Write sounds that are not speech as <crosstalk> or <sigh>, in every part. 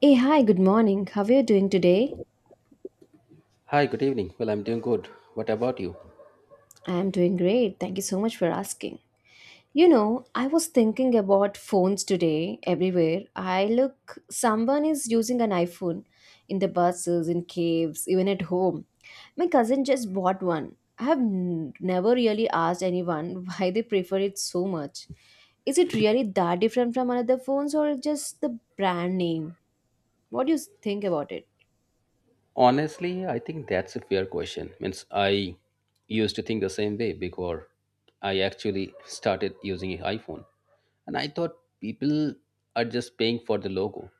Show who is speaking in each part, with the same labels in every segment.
Speaker 1: Hey, hi, good morning. How are you doing today?
Speaker 2: Hi, good evening. Well, I'm doing good. What about you?
Speaker 1: I am doing great. Thank you so much for asking. You know, I was thinking about phones today everywhere. I look, someone is using an iPhone in the buses, in caves, even at home. My cousin just bought one. I have never really asked anyone <laughs> why they prefer it so much. Is it really that different from another phones or just the brand name? What do you think about it?
Speaker 2: Honestly, I think that's a fair question. Means I used to think the same way before I actually started using an iPhone. And I thought people are just paying for the logo.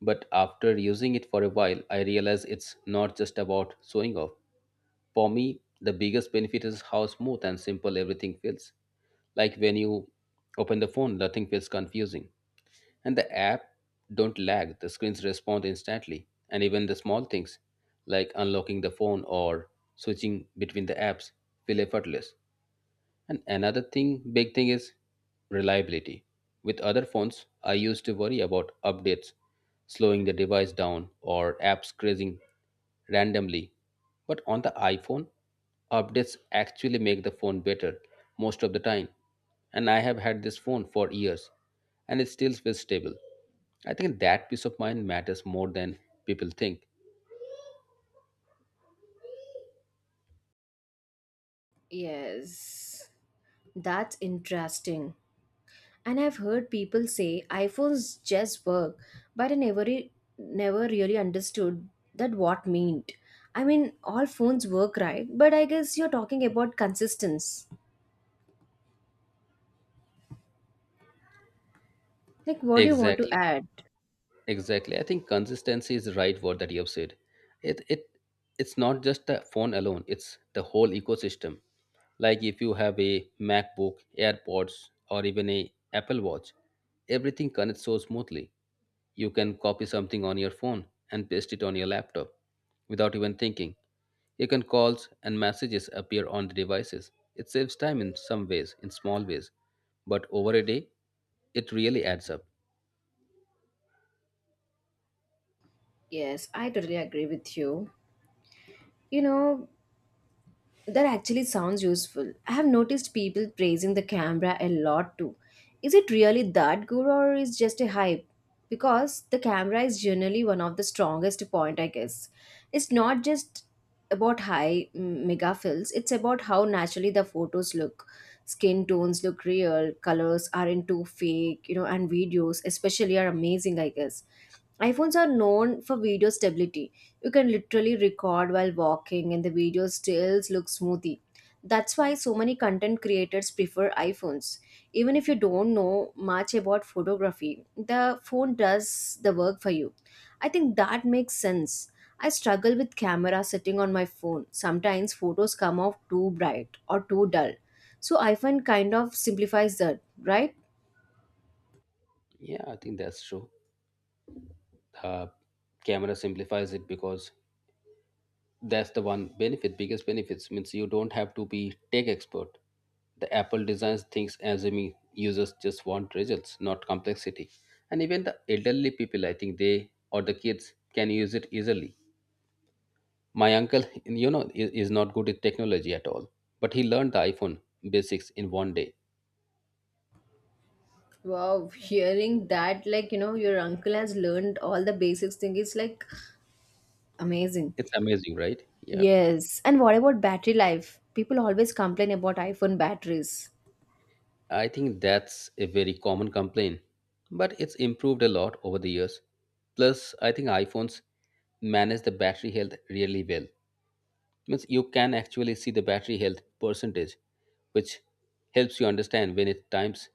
Speaker 2: But after using it for a while, I realized it's not just about showing off. For me, the biggest benefit is how smooth and simple everything feels. Like when you open the phone, nothing feels confusing. And the app don't lag, the screens respond instantly, and even the small things like unlocking the phone or switching between the apps feel effortless. And another thing, big thing is reliability. With other phones, I used to worry about updates slowing the device down or apps crashing randomly. But on the iPhone, updates actually make the phone better most of the time. And I have had this phone for years and it still feels stable. I think that peace of mind matters more than people think.
Speaker 1: Yes, that's interesting. And I've heard people say iPhones just work, but I never really understood that what meant. I mean, all phones work right, but I guess you're talking about consistency. Like, what do you want to
Speaker 2: Exactly.
Speaker 1: add?
Speaker 2: Exactly. I think consistency is the right word that you have said. It it's not just the phone alone, it's the whole ecosystem. Like if you have a MacBook, AirPods, or even a Apple Watch, everything connects so smoothly. You can copy something on your phone and paste it on your laptop without even thinking. You can calls and messages appear on the devices. It saves time in some ways, in small ways, but over a day, it really adds up.
Speaker 1: Yes, I totally agree with you. You know, that actually sounds useful. I have noticed people praising the camera a lot too. Is it really that good or is just a hype? Because the camera is generally one of the strongest point, I guess. It's not just about high megapixels, it's about how naturally the photos look. Skin tones look real, colors aren't too fake, you know, and videos especially are amazing. I guess iPhones are known for video stability. You can literally record while walking and the video still looks smoothie. That's why so many content creators prefer iPhones. Even if you don't know much about photography, the phone does the work for you. I think that makes sense. I struggle with camera setting on my phone. Sometimes photos come off too bright or too dull. So iPhone kind of simplifies that, right?
Speaker 2: Yeah, I think that's true. uh, Camera simplifies it because that's the one benefit biggest benefits means you don't have to be tech expert. The Apple designs things assuming users just want results, not complexity. And even the elderly people, I think, they or the kids can use it easily. My uncle, is not good at technology at all, but he learned the iPhone basics in one day.
Speaker 1: Wow, hearing that, like, you know, your uncle has learned all the basics thing is like amazing.
Speaker 2: It's amazing, right? Yeah.
Speaker 1: Yes. And what about battery life? People always complain about iPhone batteries.
Speaker 2: I think that's a very common complaint, but it's improved a lot over the years. Plus, I think iPhones manage the battery health really well. Means you can actually see the battery health percentage, which helps you understand when it's times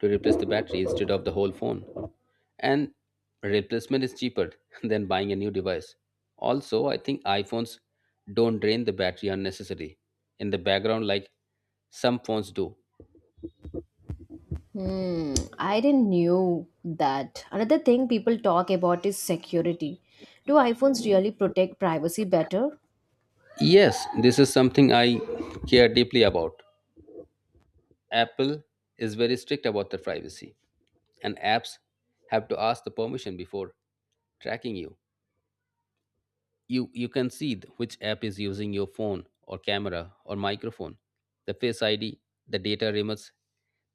Speaker 2: to replace the battery instead of the whole phone. And replacement is cheaper <laughs> than buying a new device. Also, I think iPhones don't drain the battery unnecessarily in the background like some phones do.
Speaker 1: Hmm, I didn't knew that. Another thing people talk about is security. Do iPhones really protect privacy better?
Speaker 2: Yes, this is something I care deeply about. Apple is very strict about their privacy, and apps have to ask the permission before tracking you. You can see which app is using your phone or camera or microphone, the Face ID, the data remotes,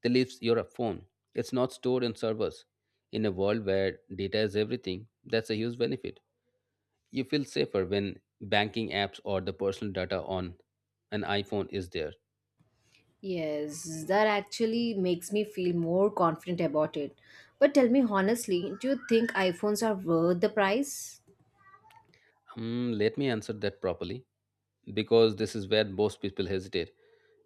Speaker 2: that leaves your phone. It's not stored in servers. In a world where data is everything, that's a huge benefit. You feel safer when banking apps or the personal data on an iPhone is there.
Speaker 1: Yes, that actually makes me feel more confident about it. But tell me honestly, do you think iPhones are worth the price?
Speaker 2: Hmm, let me answer that properly because this is where most people hesitate.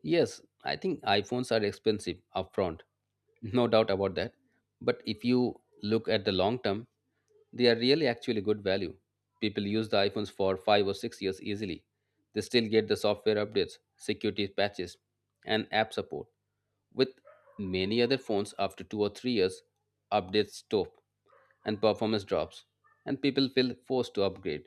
Speaker 2: Yes, I think iPhones are expensive upfront, <laughs> no doubt about that. But if you look at the long term, they are really actually good value. People use the iPhones for 5 or 6 years easily. They still get the software updates, security patches, and app support. With many other phones, after 2 or 3 years, updates stop and performance drops, and people feel forced to upgrade,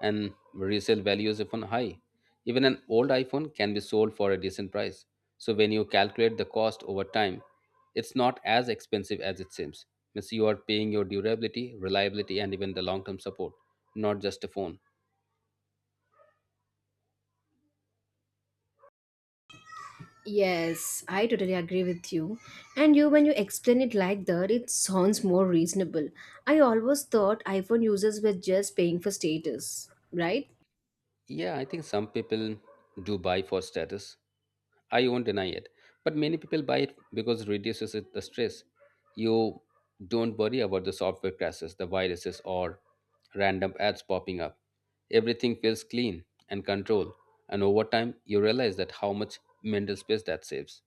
Speaker 2: and resale value is often high. Even an old iPhone can be sold for a decent price. So when you calculate the cost over time, it's not as expensive as it seems. Means you are paying your durability, reliability, and even the long-term support, not just a phone.
Speaker 1: Yes, I totally agree with you. And you, when you explain it like that, it sounds more reasonable. I always thought iPhone users were just paying for status, right?
Speaker 2: Yeah, I think some people do buy for status. I won't deny it. But many people buy it because it reduces the stress. You don't worry about the software crashes, the viruses, or random ads popping up. Everything feels clean and controlled. And over time, you realize that how much mental space that saves.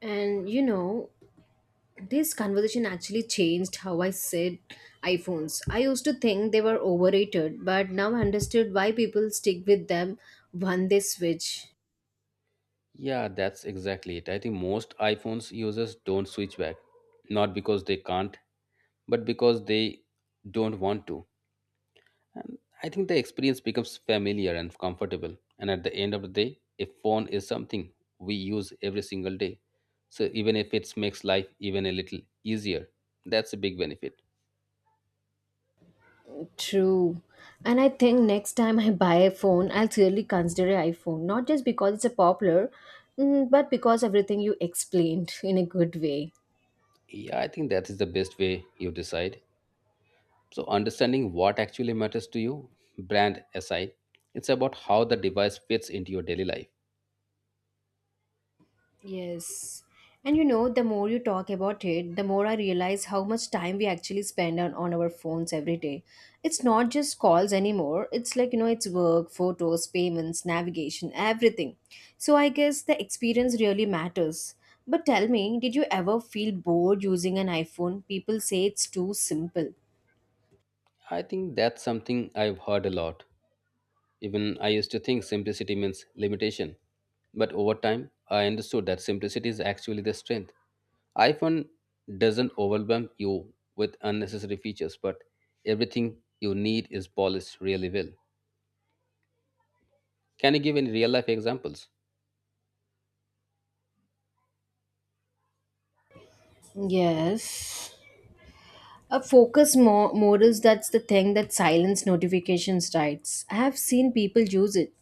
Speaker 1: And you know, this conversation actually changed how I said iPhones. I used to think they were overrated, but now I understood why people stick with them when they switch.
Speaker 2: Yeah, that's exactly it. I think most iPhones users don't switch back, not because they can't, but because they don't want to. And I think the experience becomes familiar and comfortable. And at the end of the day, a phone is something we use every single day. So even if it makes life even a little easier, that's a big benefit.
Speaker 1: True. And I think next time I buy a phone, I'll really consider an iPhone, not just because it's a popular, but because everything you explained in a good way.
Speaker 2: Yeah, I think that is the best way you decide. So understanding what actually matters to you, brand aside, it's about how the device fits into your daily life.
Speaker 1: Yes. And you know, the more you talk about it, the more I realize how much time we actually spend on our phones every day. It's not just calls anymore. It's like, you know, it's work, photos, payments, navigation, everything. So I guess the experience really matters. But tell me, did you ever feel bored using an iPhone? People say it's too simple.
Speaker 2: I think that's something I've heard a lot. Even I used to think simplicity means limitation, but over time I understood that simplicity is actually the strength. iPhone doesn't overwhelm you with unnecessary features, but everything you need is polished really well. Can you give any real life examples?
Speaker 1: Yes. A focus mode is that's the thing that silence notifications writes. I have seen people use it.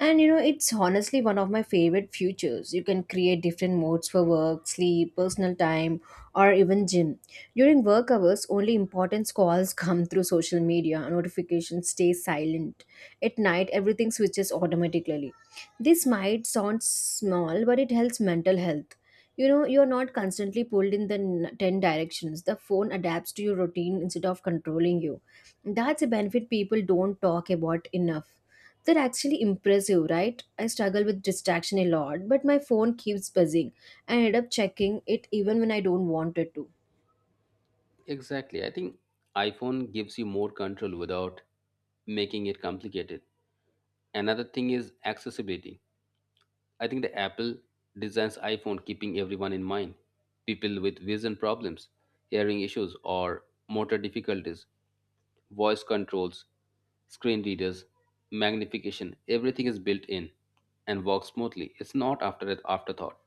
Speaker 1: And you know, it's honestly one of my favorite features. You can create different modes for work, sleep, personal time, or even gym. During work hours, only important calls come through social media. Notifications stay silent. At night, everything switches automatically. This might sound small, but it helps mental health. You know, you're not constantly pulled in the 10 directions. The phone adapts to your routine instead of controlling you. That's a benefit people don't talk about enough. They're actually impressive, right? I struggle with distraction a lot, but my phone keeps buzzing. I end up checking it even when I don't want it to.
Speaker 2: Exactly. I think iPhone gives you more control without making it complicated. Another thing is accessibility. I think the Apple designs iPhone keeping everyone in mind. People with vision problems, hearing issues or motor difficulties, voice controls, screen readers, magnification, everything is built in and works smoothly. It's not after an afterthought.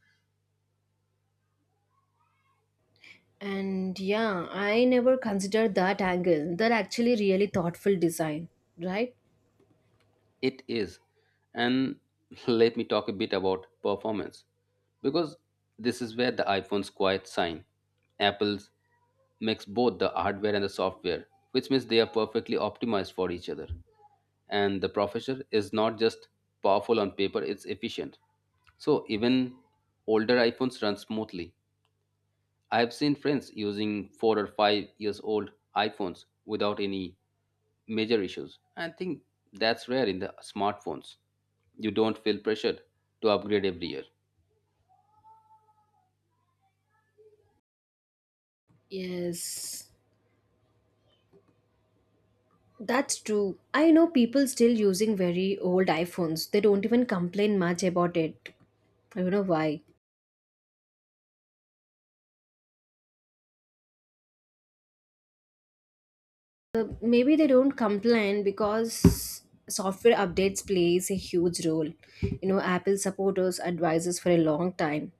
Speaker 1: And yeah, I never considered that angle. They're actually really thoughtful design, right?
Speaker 2: It is. And <laughs> let me talk a bit about performance because this is where the iPhone's quiet sign. Apple's makes both the hardware and the software, which means they are perfectly optimized for each other. And the processor is not just powerful on paper, it's efficient. So even older iPhones run smoothly. I have seen friends using 4 or 5 years old iPhones without any major issues. I think that's rare in the smartphones. You don't feel pressured to upgrade every year.
Speaker 1: Yes. That's true. I know people still using very old iPhones. They don't even complain much about it. I don't know why. Maybe they don't complain because software updates plays a huge role. You know, Apple supporters advises for a long time.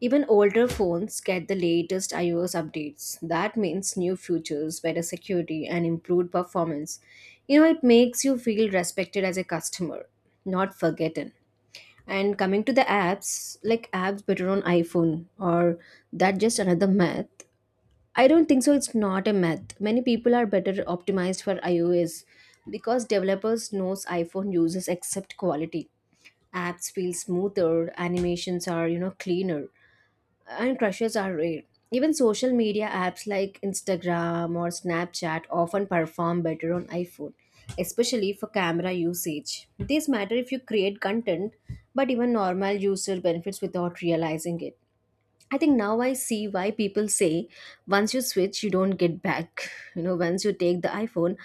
Speaker 1: Even older phones get the latest iOS updates. That means new features, better security, and improved performance. You know, it makes you feel respected as a customer, not forgotten. And coming to the apps, like apps better on iPhone or that just another math. I don't think so. It's not a math. Many people are better optimized for iOS because developers knows iPhone users accept quality. Apps feel smoother, animations are, you know, cleaner, and crushes are rare. Even social media apps like Instagram or Snapchat often perform better on iPhone, especially for camera usage. This matter if you create content, but even normal user benefits without realizing it. I think now I see why people say once you switch, you don't get back. <laughs> You know, once you take the iPhone,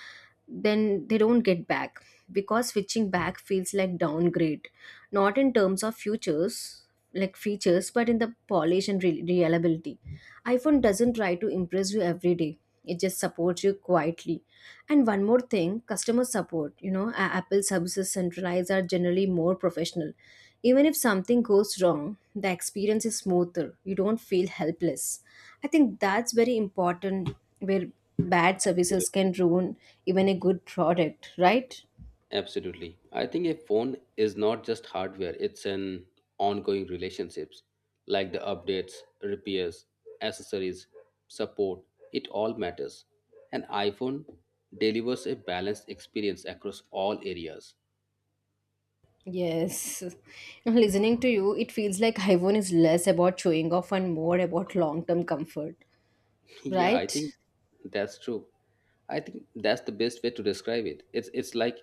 Speaker 1: then they don't get back because switching back feels like downgrade, not in terms of futures, like features, but in the polish and reliability. iPhone doesn't try to impress you every day, it just supports you quietly. And one more thing, customer support, you know, Apple services centralized are generally more professional. Even if something goes wrong, the experience is smoother, you don't feel helpless. I think that's very important where bad services can ruin even a good product, right?
Speaker 2: Absolutely. I think a phone is not just hardware, it's an ongoing relationships, like the updates, repairs, accessories, support, it all matters. An iPhone delivers a balanced experience across all areas.
Speaker 1: Yes. <laughs> Listening to you, it feels like Hivon is less about showing off and more about long term comfort,
Speaker 2: Yeah, I
Speaker 1: right?
Speaker 2: think that's true. I think that's the best way to describe it. It's like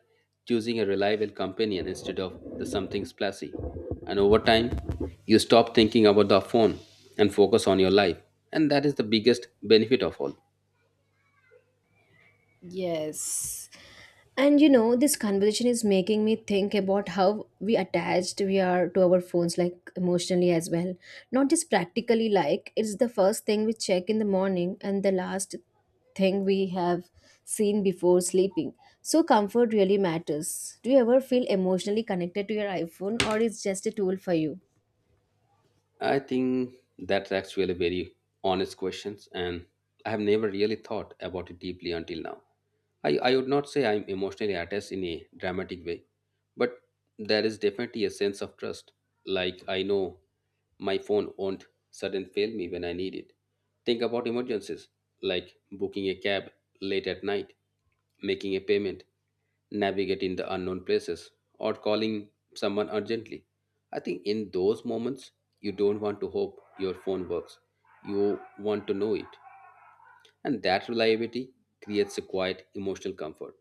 Speaker 2: choosing a reliable companion instead of the something splashy. And over time, you stop thinking about the phone and focus on your life. And that is the biggest benefit of all.
Speaker 1: Yes. And you know, this conversation is making me think about how we attached we are to our phones, like emotionally as well. Not just practically, like it's the first thing we check in the morning and the last thing we have seen before sleeping. So, comfort really matters. Do you ever feel emotionally connected to your iPhone, or it's just a tool for you?
Speaker 2: I think that's actually a very honest questions, and I have never really thought about it deeply until now. I would not say I'm emotionally attached in a dramatic way, but there is definitely a sense of trust. Like I know my phone won't suddenly fail me when I need it. Think about emergencies, like booking a cab late at night, making a payment, navigate in the unknown places, or calling someone urgently. I think in those moments, you don't want to hope your phone works. You want to know it. And that reliability creates a quiet emotional comfort.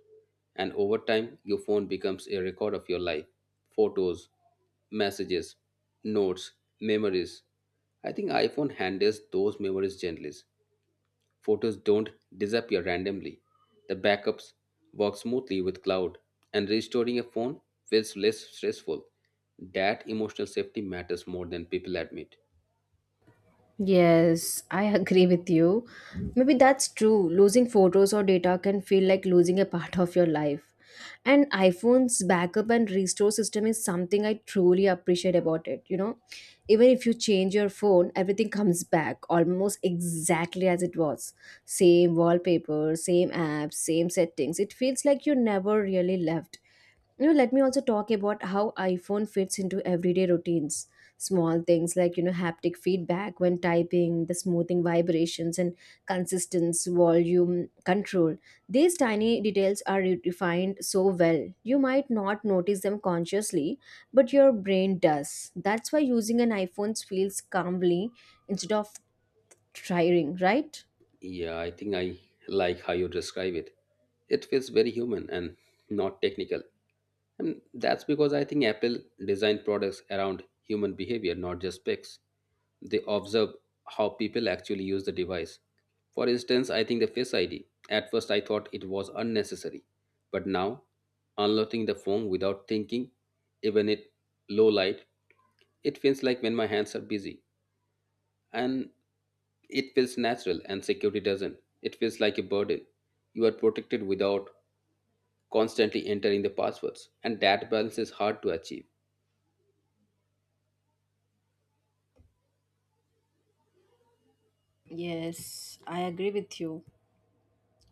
Speaker 2: And over time, your phone becomes a record of your life, photos, messages, notes, memories. I think iPhone handles those memories gently. Photos don't disappear randomly. The backups work smoothly with cloud, and restoring a phone feels less stressful. That emotional safety matters more than people admit.
Speaker 1: Yes, I agree with you. Maybe that's true. Losing photos or data can feel like losing a part of your life. And iPhone's backup and restore system is something I truly appreciate about it. You know, even if you change your phone, everything comes back almost exactly as it was. Same wallpaper, same apps, same settings. It feels like you never really left. You know, let me also talk about how iPhone fits into everyday routines. Small things, like, you know, haptic feedback when typing, the smoothing vibrations and consistence volume control, these tiny details are refined so well. You might not notice them consciously, but your brain does. That's why using an iPhone feels calmly instead of tiring, right?
Speaker 2: Yeah, I think I like how you describe it. It feels very human and not technical. And that's because I think Apple designed products around human behavior, not just specs. They observe how people actually use the device. For instance, I think the Face ID. At first, I thought it was unnecessary, but now, unlocking the phone without thinking, even at low light, it feels like when my hands are busy. And it feels natural and security doesn't. It feels like a burden. You are protected without constantly entering the passwords, and that balance is hard to achieve.
Speaker 1: Yes, I agree with you.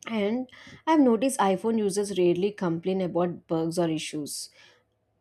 Speaker 1: And I've noticed iPhone users rarely complain about bugs or issues.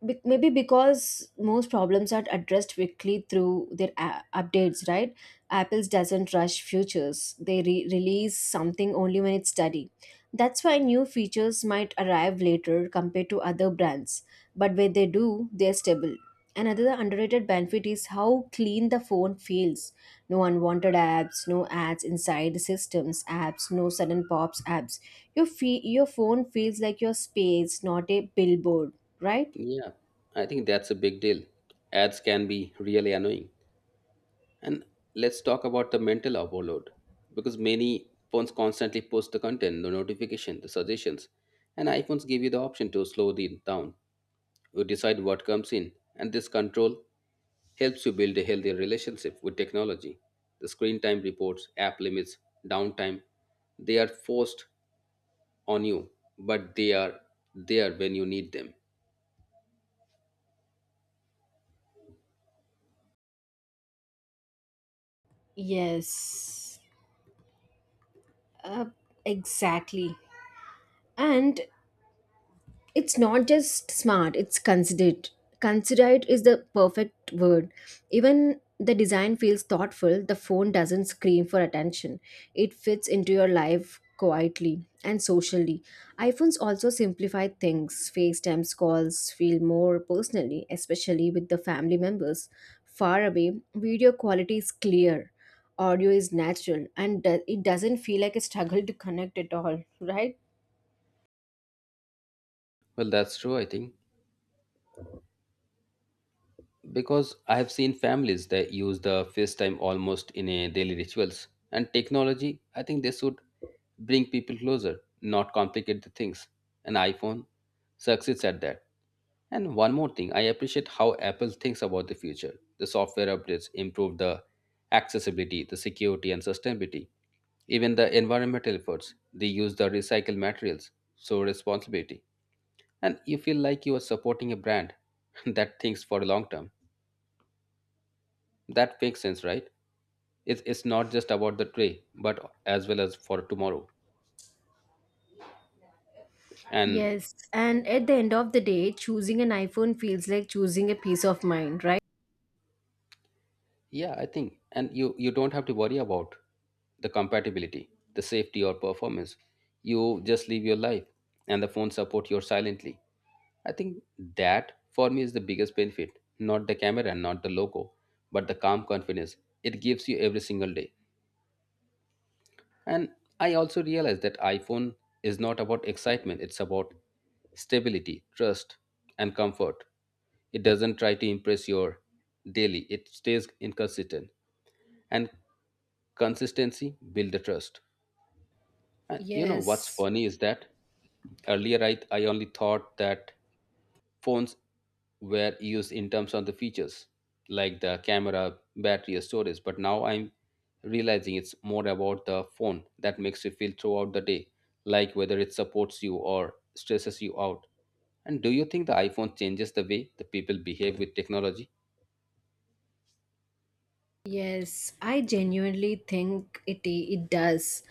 Speaker 1: Maybe because most problems are addressed quickly through their updates, right? Apple's doesn't rush features; they release something only when it's ready. That's why new features might arrive later compared to other brands, but when they do, they're stable. Another underrated benefit is how clean the phone feels. No unwanted apps, no ads inside the systems apps, no sudden pops apps. Your your phone feels like your space, not a billboard, right?
Speaker 2: Yeah, I think that's a big deal. Ads can be really annoying. And let's talk about the mental overload because many phones constantly post the content, the notification, the suggestions, and iPhones give you the option to slow it down. You decide what comes in, and this control helps you build a healthy relationship with technology. The screen time reports, app limits, downtime, they are forced on you, but they are there when you need them.
Speaker 1: Yes, uh, exactly. And it's not just smart, it's considerate. Considerate is the perfect word. Even the design feels thoughtful, the phone doesn't scream for attention, it fits into your life quietly and socially. iPhones also simplify things. FaceTimes calls feel more personally, especially with the family members far away. Video quality is clear, audio is natural, and it doesn't feel like a struggle to connect at all, right?
Speaker 2: Well, that's true, I think. Because I have seen families that use the FaceTime almost in a daily rituals and technology. I think they should bring people closer, not complicate the things. An iPhone succeeds at that. And one more thing, I appreciate how Apple thinks about the future. The software updates improve the accessibility, the security, and sustainability. Even the environmental efforts, they use the recycled materials, so responsibility. And you feel like you are supporting a brand <laughs> that thinks for the long term. That makes sense, right? It's not just about the today but as well as for tomorrow and
Speaker 1: Yes, and at the end of the day, choosing an iPhone feels like choosing a peace of mind, right?
Speaker 2: yeah, I think. And you don't have to worry about the compatibility, the safety or performance. You just live your life and the phone support you silently. I think that for me is the biggest benefit, not the camera and not the logo, but the calm confidence it gives you every single day. And I also realized that iPhone is not about excitement, it's about stability, trust, and comfort. It doesn't try to impress your daily, it stays inconsistent. And consistency builds the trust. And you know what's
Speaker 1: Yes,
Speaker 2: funny is that earlier I only thought that phones were used in terms of the features like the camera, battery, or storage. But now I'm realizing it's more about the phone that makes you feel throughout the day, like whether it supports you or stresses you out. And do you think the iPhone changes the way the people behave with technology?
Speaker 1: yes, I genuinely think it does,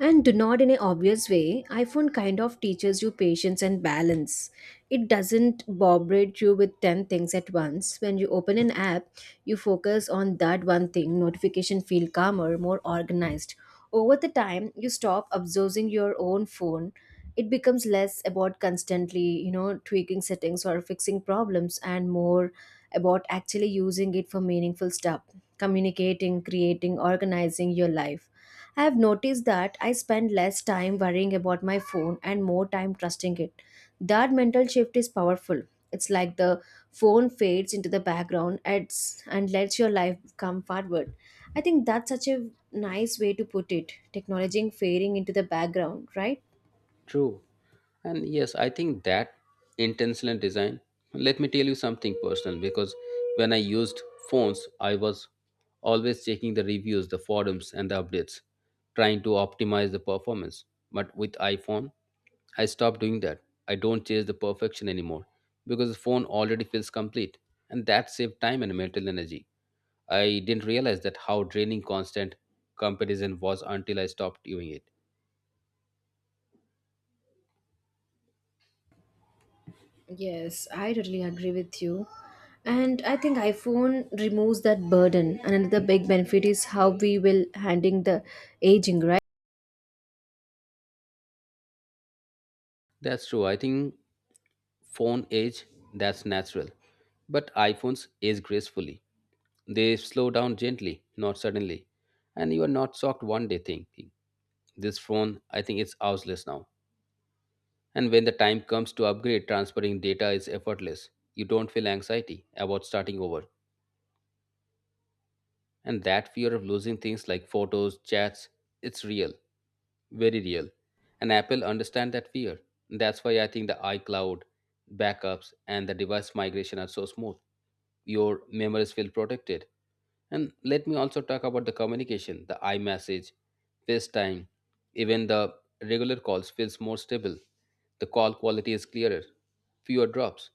Speaker 1: and do not in an obvious way. iPhone kind of teaches you patience and balance. It doesn't bombard you with ten things at once. When you open an app, you focus on that one thing. Notification feel calmer, more organized. Over the time, you stop obsessing your own phone. It becomes less about constantly, you know, tweaking settings or fixing problems and more about actually using it for meaningful stuff, communicating, creating, organizing your life. I have noticed that I spend less time worrying about my phone and more time trusting it. That mental shift is powerful. It's like the phone fades into the background and lets your life come forward. I think that's such a nice way to put it. Technology fading into the background, right?
Speaker 2: True. And yes, I think that intentional design. Let me tell you something personal because when I used phones, I was always checking the reviews, the forums, and the updates, trying to optimize the performance. But with iPhone, I stopped doing that. I don't chase the perfection anymore because the phone already feels complete, and that saved time and mental energy. I didn't realize that how draining constant comparison was until I stopped doing it.
Speaker 1: Yes, I totally agree with you. And I think iPhone removes that burden. And another big benefit is how we will handling the aging, right?
Speaker 2: That's true. I think phone age, that's natural, but iPhones age gracefully. They slow down gently, not suddenly, and you are not shocked one day thinking, this phone, I think it's useless now. And when the time comes to upgrade, transferring data is effortless. You don't feel anxiety about starting over, and that fear of losing things like photos, chats, it's real. Very real. And Apple understand that fear. That's why I think the iCloud backups and the device migration are so smooth. Your memories feel protected. And let me also talk about the communication, the iMessage, FaceTime, even the regular calls feels more stable. The call quality is clearer, fewer drops,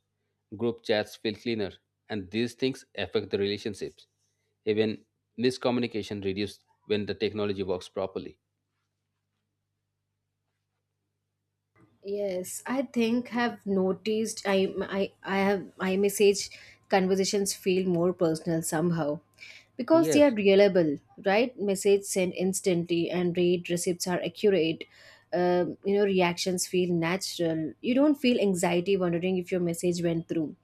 Speaker 2: group chats feel cleaner, and these things affect the relationships. Even miscommunication reduced when the technology works properly.
Speaker 1: Yes, I think have noticed I have I message conversations feel more personal somehow because they are
Speaker 2: Yes.
Speaker 1: reliable, right? Message sent instantly and read receipts are accurate. You know, reactions feel natural. You don't feel anxiety wondering if your message went through.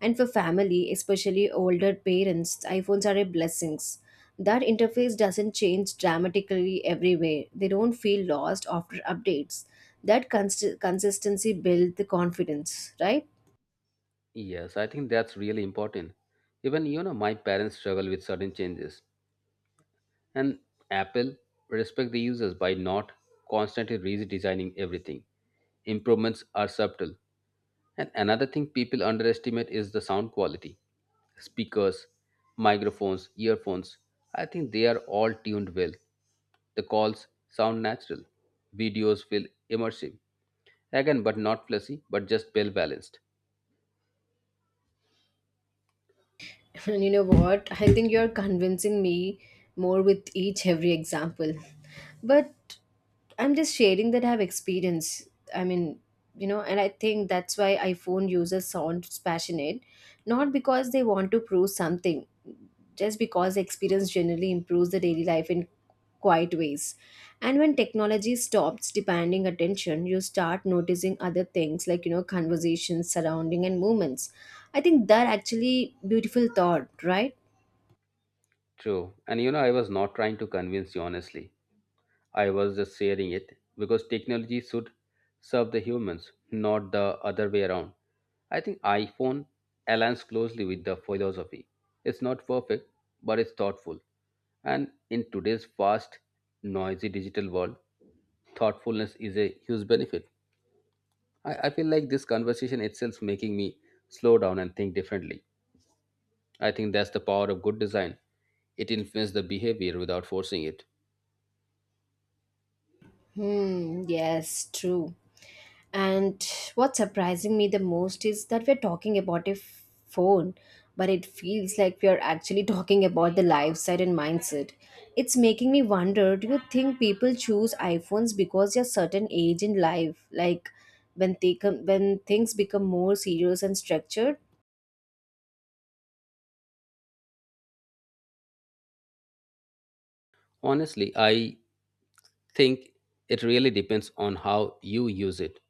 Speaker 1: And for family, especially older parents, iPhones are a blessings that interface doesn't change dramatically everywhere. They don't feel lost after updates. Consistency builds the confidence, right?
Speaker 2: Yes, I think that's really important. Even you know, my parents struggle with sudden changes, and Apple respect the users by not constantly redesigning everything. Improvements are subtle. And another thing people underestimate is the sound quality. Speakers, microphones, earphones, I think they are all tuned well. The calls sound natural. Videos feel immersive. Again, but not flashy, but just well balanced.
Speaker 1: <laughs> And you know what? I think you're convincing me more with each every example. But I'm just sharing that I have experience. I mean, and I think that's why iPhone users sound passionate, not because they want to prove something, just because the experience generally improves the daily life in quiet ways. And when technology stops demanding attention, you start noticing other things like, conversations, surrounding, and movements. I think that actually beautiful thought, right?
Speaker 2: True. And you know, I was not trying to convince you honestly. I was just sharing it because technology should serve the humans, not the other way around. I think iPhone aligns closely with the philosophy. It's not perfect, but it's thoughtful. And in today's fast, noisy digital world, thoughtfulness is a huge benefit. I feel like this conversation itself making me slow down and think differently. I think that's the power of good design. It influences the behavior without forcing it.
Speaker 1: Yes, true. And what's surprising me the most is that we're talking about a phone, but it feels like we are actually <laughs> talking about the lifestyle and mindset. It's making me wonder do you think people choose iPhones because they're certain age in life? Like when, they come, when things become more serious and structured?
Speaker 2: Honestly, I think it really depends on how you use it.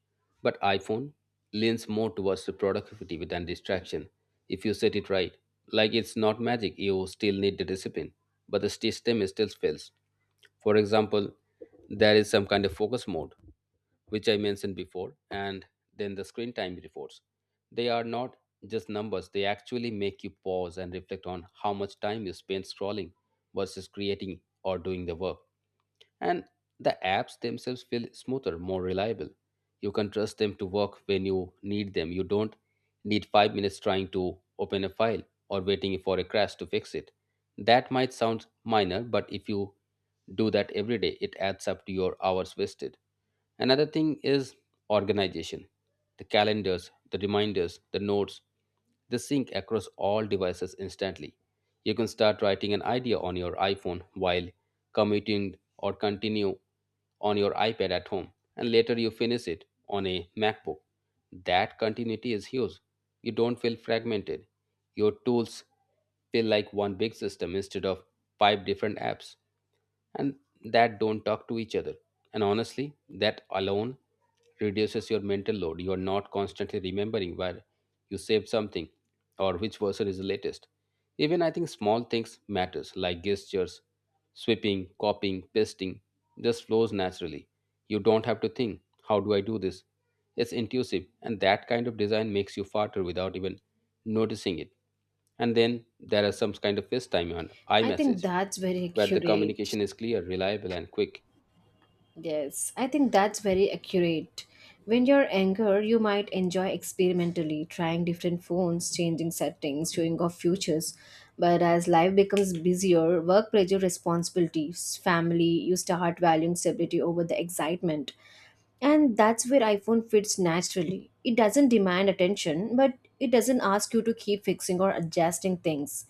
Speaker 2: But iPhone leans more towards the productivity than distraction if you set it right. Like it's not magic, you still need the discipline, but the system is still fails. For example, there is some kind of focus mode, which I mentioned before, and then the screen time reports. They are not just numbers, they actually make you pause and reflect on how much time you spend scrolling versus creating or doing the work, and the apps themselves feel smoother, more reliable. You can trust them to work when you need them. You don't need 5 minutes trying to open a file or waiting for a crash to fix it. That might sound minor, but if you do that every day, it adds up to your hours wasted. Another thing is organization, the calendars, the reminders, the notes. They sync across all devices instantly. You can start writing an idea on your iPhone while commuting or continue on your iPad at home, and later you finish it on a MacBook. That continuity is huge. You don't feel fragmented. Your tools feel like one big system instead of five different apps and that don't talk to each other. And honestly, that alone reduces your mental load. You are not constantly remembering where you saved something or which version is the latest. Even I think small things matters like gestures, sweeping, copying, pasting just flows naturally. You don't have to think, how do I do this? It's intuitive, and that kind of design makes you farther without even noticing it. And then there are some kind of FaceTime and
Speaker 1: I think
Speaker 2: iMessage
Speaker 1: that's very <laughs>
Speaker 2: where the
Speaker 1: accurate.
Speaker 2: communication is clear, reliable, and quick.
Speaker 1: Yes, I think that's very accurate. When you're younger, you might enjoy experimentally trying different phones, changing settings, showing off futures. But as life becomes busier, work pressure, responsibilities, family, you start valuing stability over the excitement. And that's where iPhone fits naturally. It doesn't demand attention, but it doesn't ask you to keep fixing or adjusting things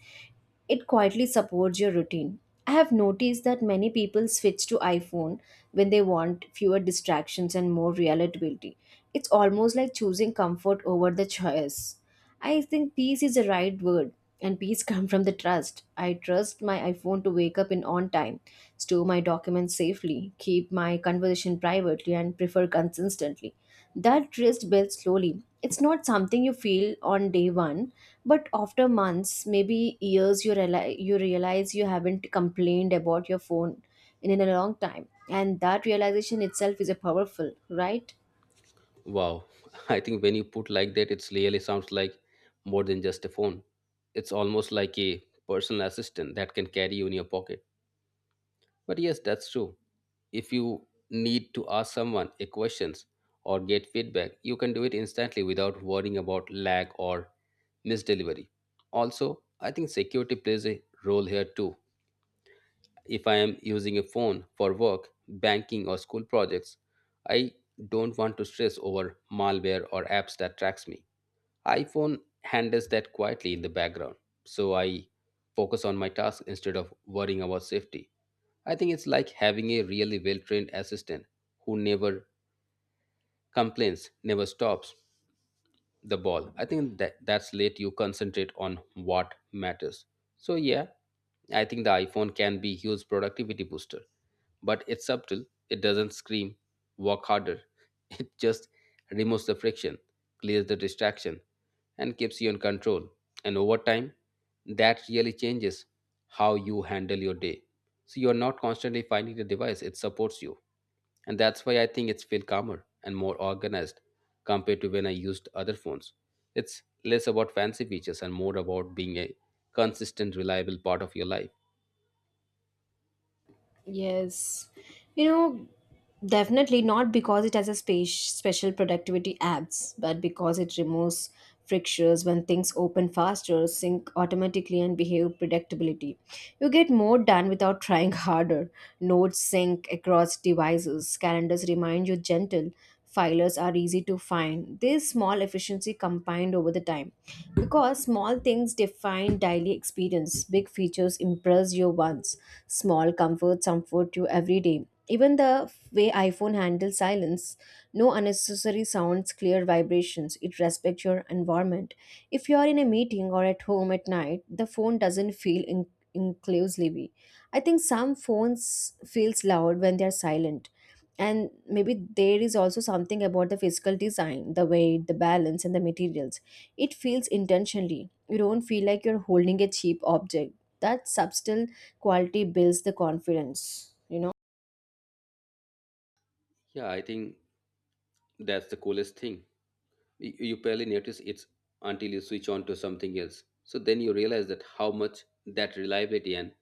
Speaker 1: it quietly supports your routine. I have noticed that many people switch to iPhone when they want fewer distractions and more relatability. It's almost like choosing comfort over the choice. I think peace is the right word and peace <laughs> comes from the trust. I trust my iPhone to wake up in on time, store my documents safely, keep my conversation privately and prefer consistently. That trust builds slowly. It's not something you feel on day one, but after months, maybe years, you realize you haven't complained about your phone in a long time, and that realization itself is a powerful, right?
Speaker 2: Wow, <laughs> I think when you put like that, it really sounds like more than just a phone. It's almost like a personal assistant that can carry you in your pocket. But yes, that's true. If you need to ask someone a questions or get feedback, you can do it instantly without worrying about lag or misdelivery. Also, I think security plays a role here too. If I am using a phone for work, banking, or school projects, I don't want to stress over malware or apps that tracks me. iPhone handles that quietly in the background, so I focus on my task instead of worrying about safety. I think it's like having a really well-trained assistant who never complains, never stops the ball. I think that that's let you concentrate on what matters. So yeah, I think the iPhone can be huge productivity booster, but it's subtle. It doesn't scream, walk harder. <laughs> It just removes the friction, clears the distraction, and keeps you in control. And over time, that really changes how you handle your day. So you're not constantly finding the device, it supports you. And that's why I think it's feel calmer and more organized compared to when I used other phones. It's less about fancy features and more about being a consistent, reliable part of your life.
Speaker 1: Yes. You know, definitely not because it has a space, special productivity apps, but because it removes frictions when things open faster, sync automatically, and behave predictability. You get more done without trying <laughs> harder. Notes sync across devices, calendars remind you gentle, filers are easy to find. This small efficiency combined over the time. Because small things define daily experience, big features impress you once small comforts comfort you every day. Even the way iPhone handles silence, no unnecessary sounds, clear vibrations, it respects your environment. If you are in a meeting or at home at night, the phone doesn't feel inclusively. I think some phones feels loud when they are silent and maybe there is also something about the physical design the weight the balance and the materials it feels intentionally you don't feel like you're holding a cheap object that subtle quality builds the confidence you know
Speaker 2: Yeah, I think that's the coolest thing. You barely notice it until you switch on to something else. So then you realize that how much that reliability and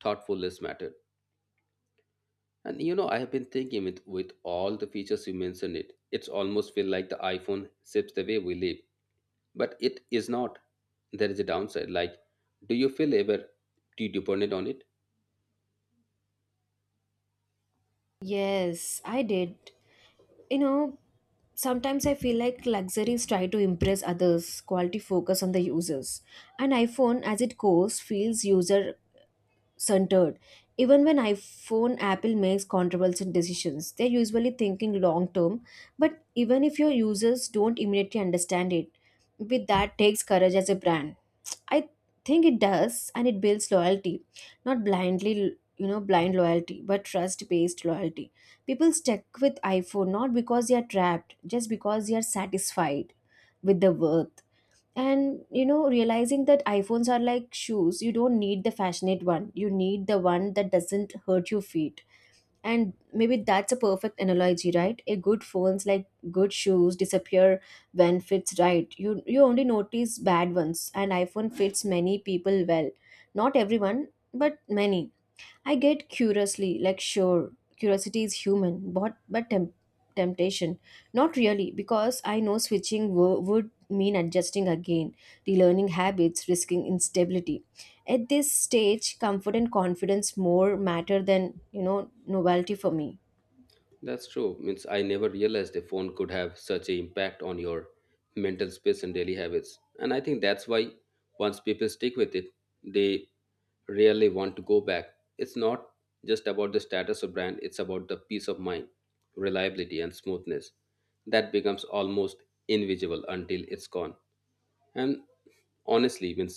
Speaker 2: thoughtfulness mattered. And you know, I have been thinking with all the features you mentioned it, it's almost feel like the iPhone shapes the way we live. But it is not. There is a downside. Like, do you feel ever too dependent on it?
Speaker 1: yes I did you know sometimes I feel like luxuries try to impress others quality focus on the users an iphone as it goes feels user centered. Even when iPhone Apple makes controversial decisions, they're usually thinking long term, but even if your users don't immediately understand it, with that takes courage as a brand. I think it does and it builds loyalty, not blindly you know blind loyalty but trust based loyalty people stick with iphone not because they are trapped just because they are satisfied with the worth and you know realizing that iphones are like shoes you don't need the fashionate one you need the one that doesn't hurt your feet and maybe that's a perfect analogy right a good phones like good shoes disappear when fits right you only notice bad ones and iphone fits many people well not everyone but many I get curiously, like sure, curiosity is human, but temptation, not really, because I know would mean adjusting again, relearning habits, risking instability. At this stage, comfort and confidence more matter than novelty for me.
Speaker 2: That's true. Means I never realized a phone could have such a impact on your mental space and daily habits. And I think that's why once people stick with it, they really want to go back. It's not just about the status of brand, it's about the peace of mind, reliability and smoothness. That becomes almost invisible until it's gone. And honestly means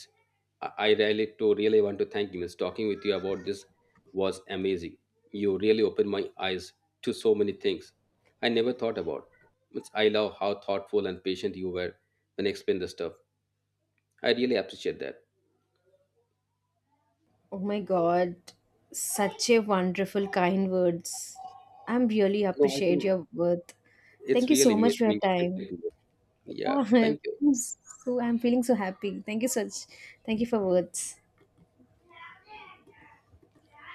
Speaker 2: I really to really want to thank you means talking with you about this was amazing. You really opened my eyes to so many things I never thought about. Means I love how thoughtful and patient you were when explain the stuff. I really appreciate that.
Speaker 1: Oh my God, such a wonderful kind words. I'm really
Speaker 2: No, I
Speaker 1: appreciate
Speaker 2: think
Speaker 1: your worth.
Speaker 2: it's
Speaker 1: Thank you
Speaker 2: really
Speaker 1: so much
Speaker 2: made
Speaker 1: for your
Speaker 2: me,
Speaker 1: time.
Speaker 2: yeah,
Speaker 1: Yeah,
Speaker 2: thank you.
Speaker 1: <laughs> so I'm feeling so happy. Thank you such. Thank you for words.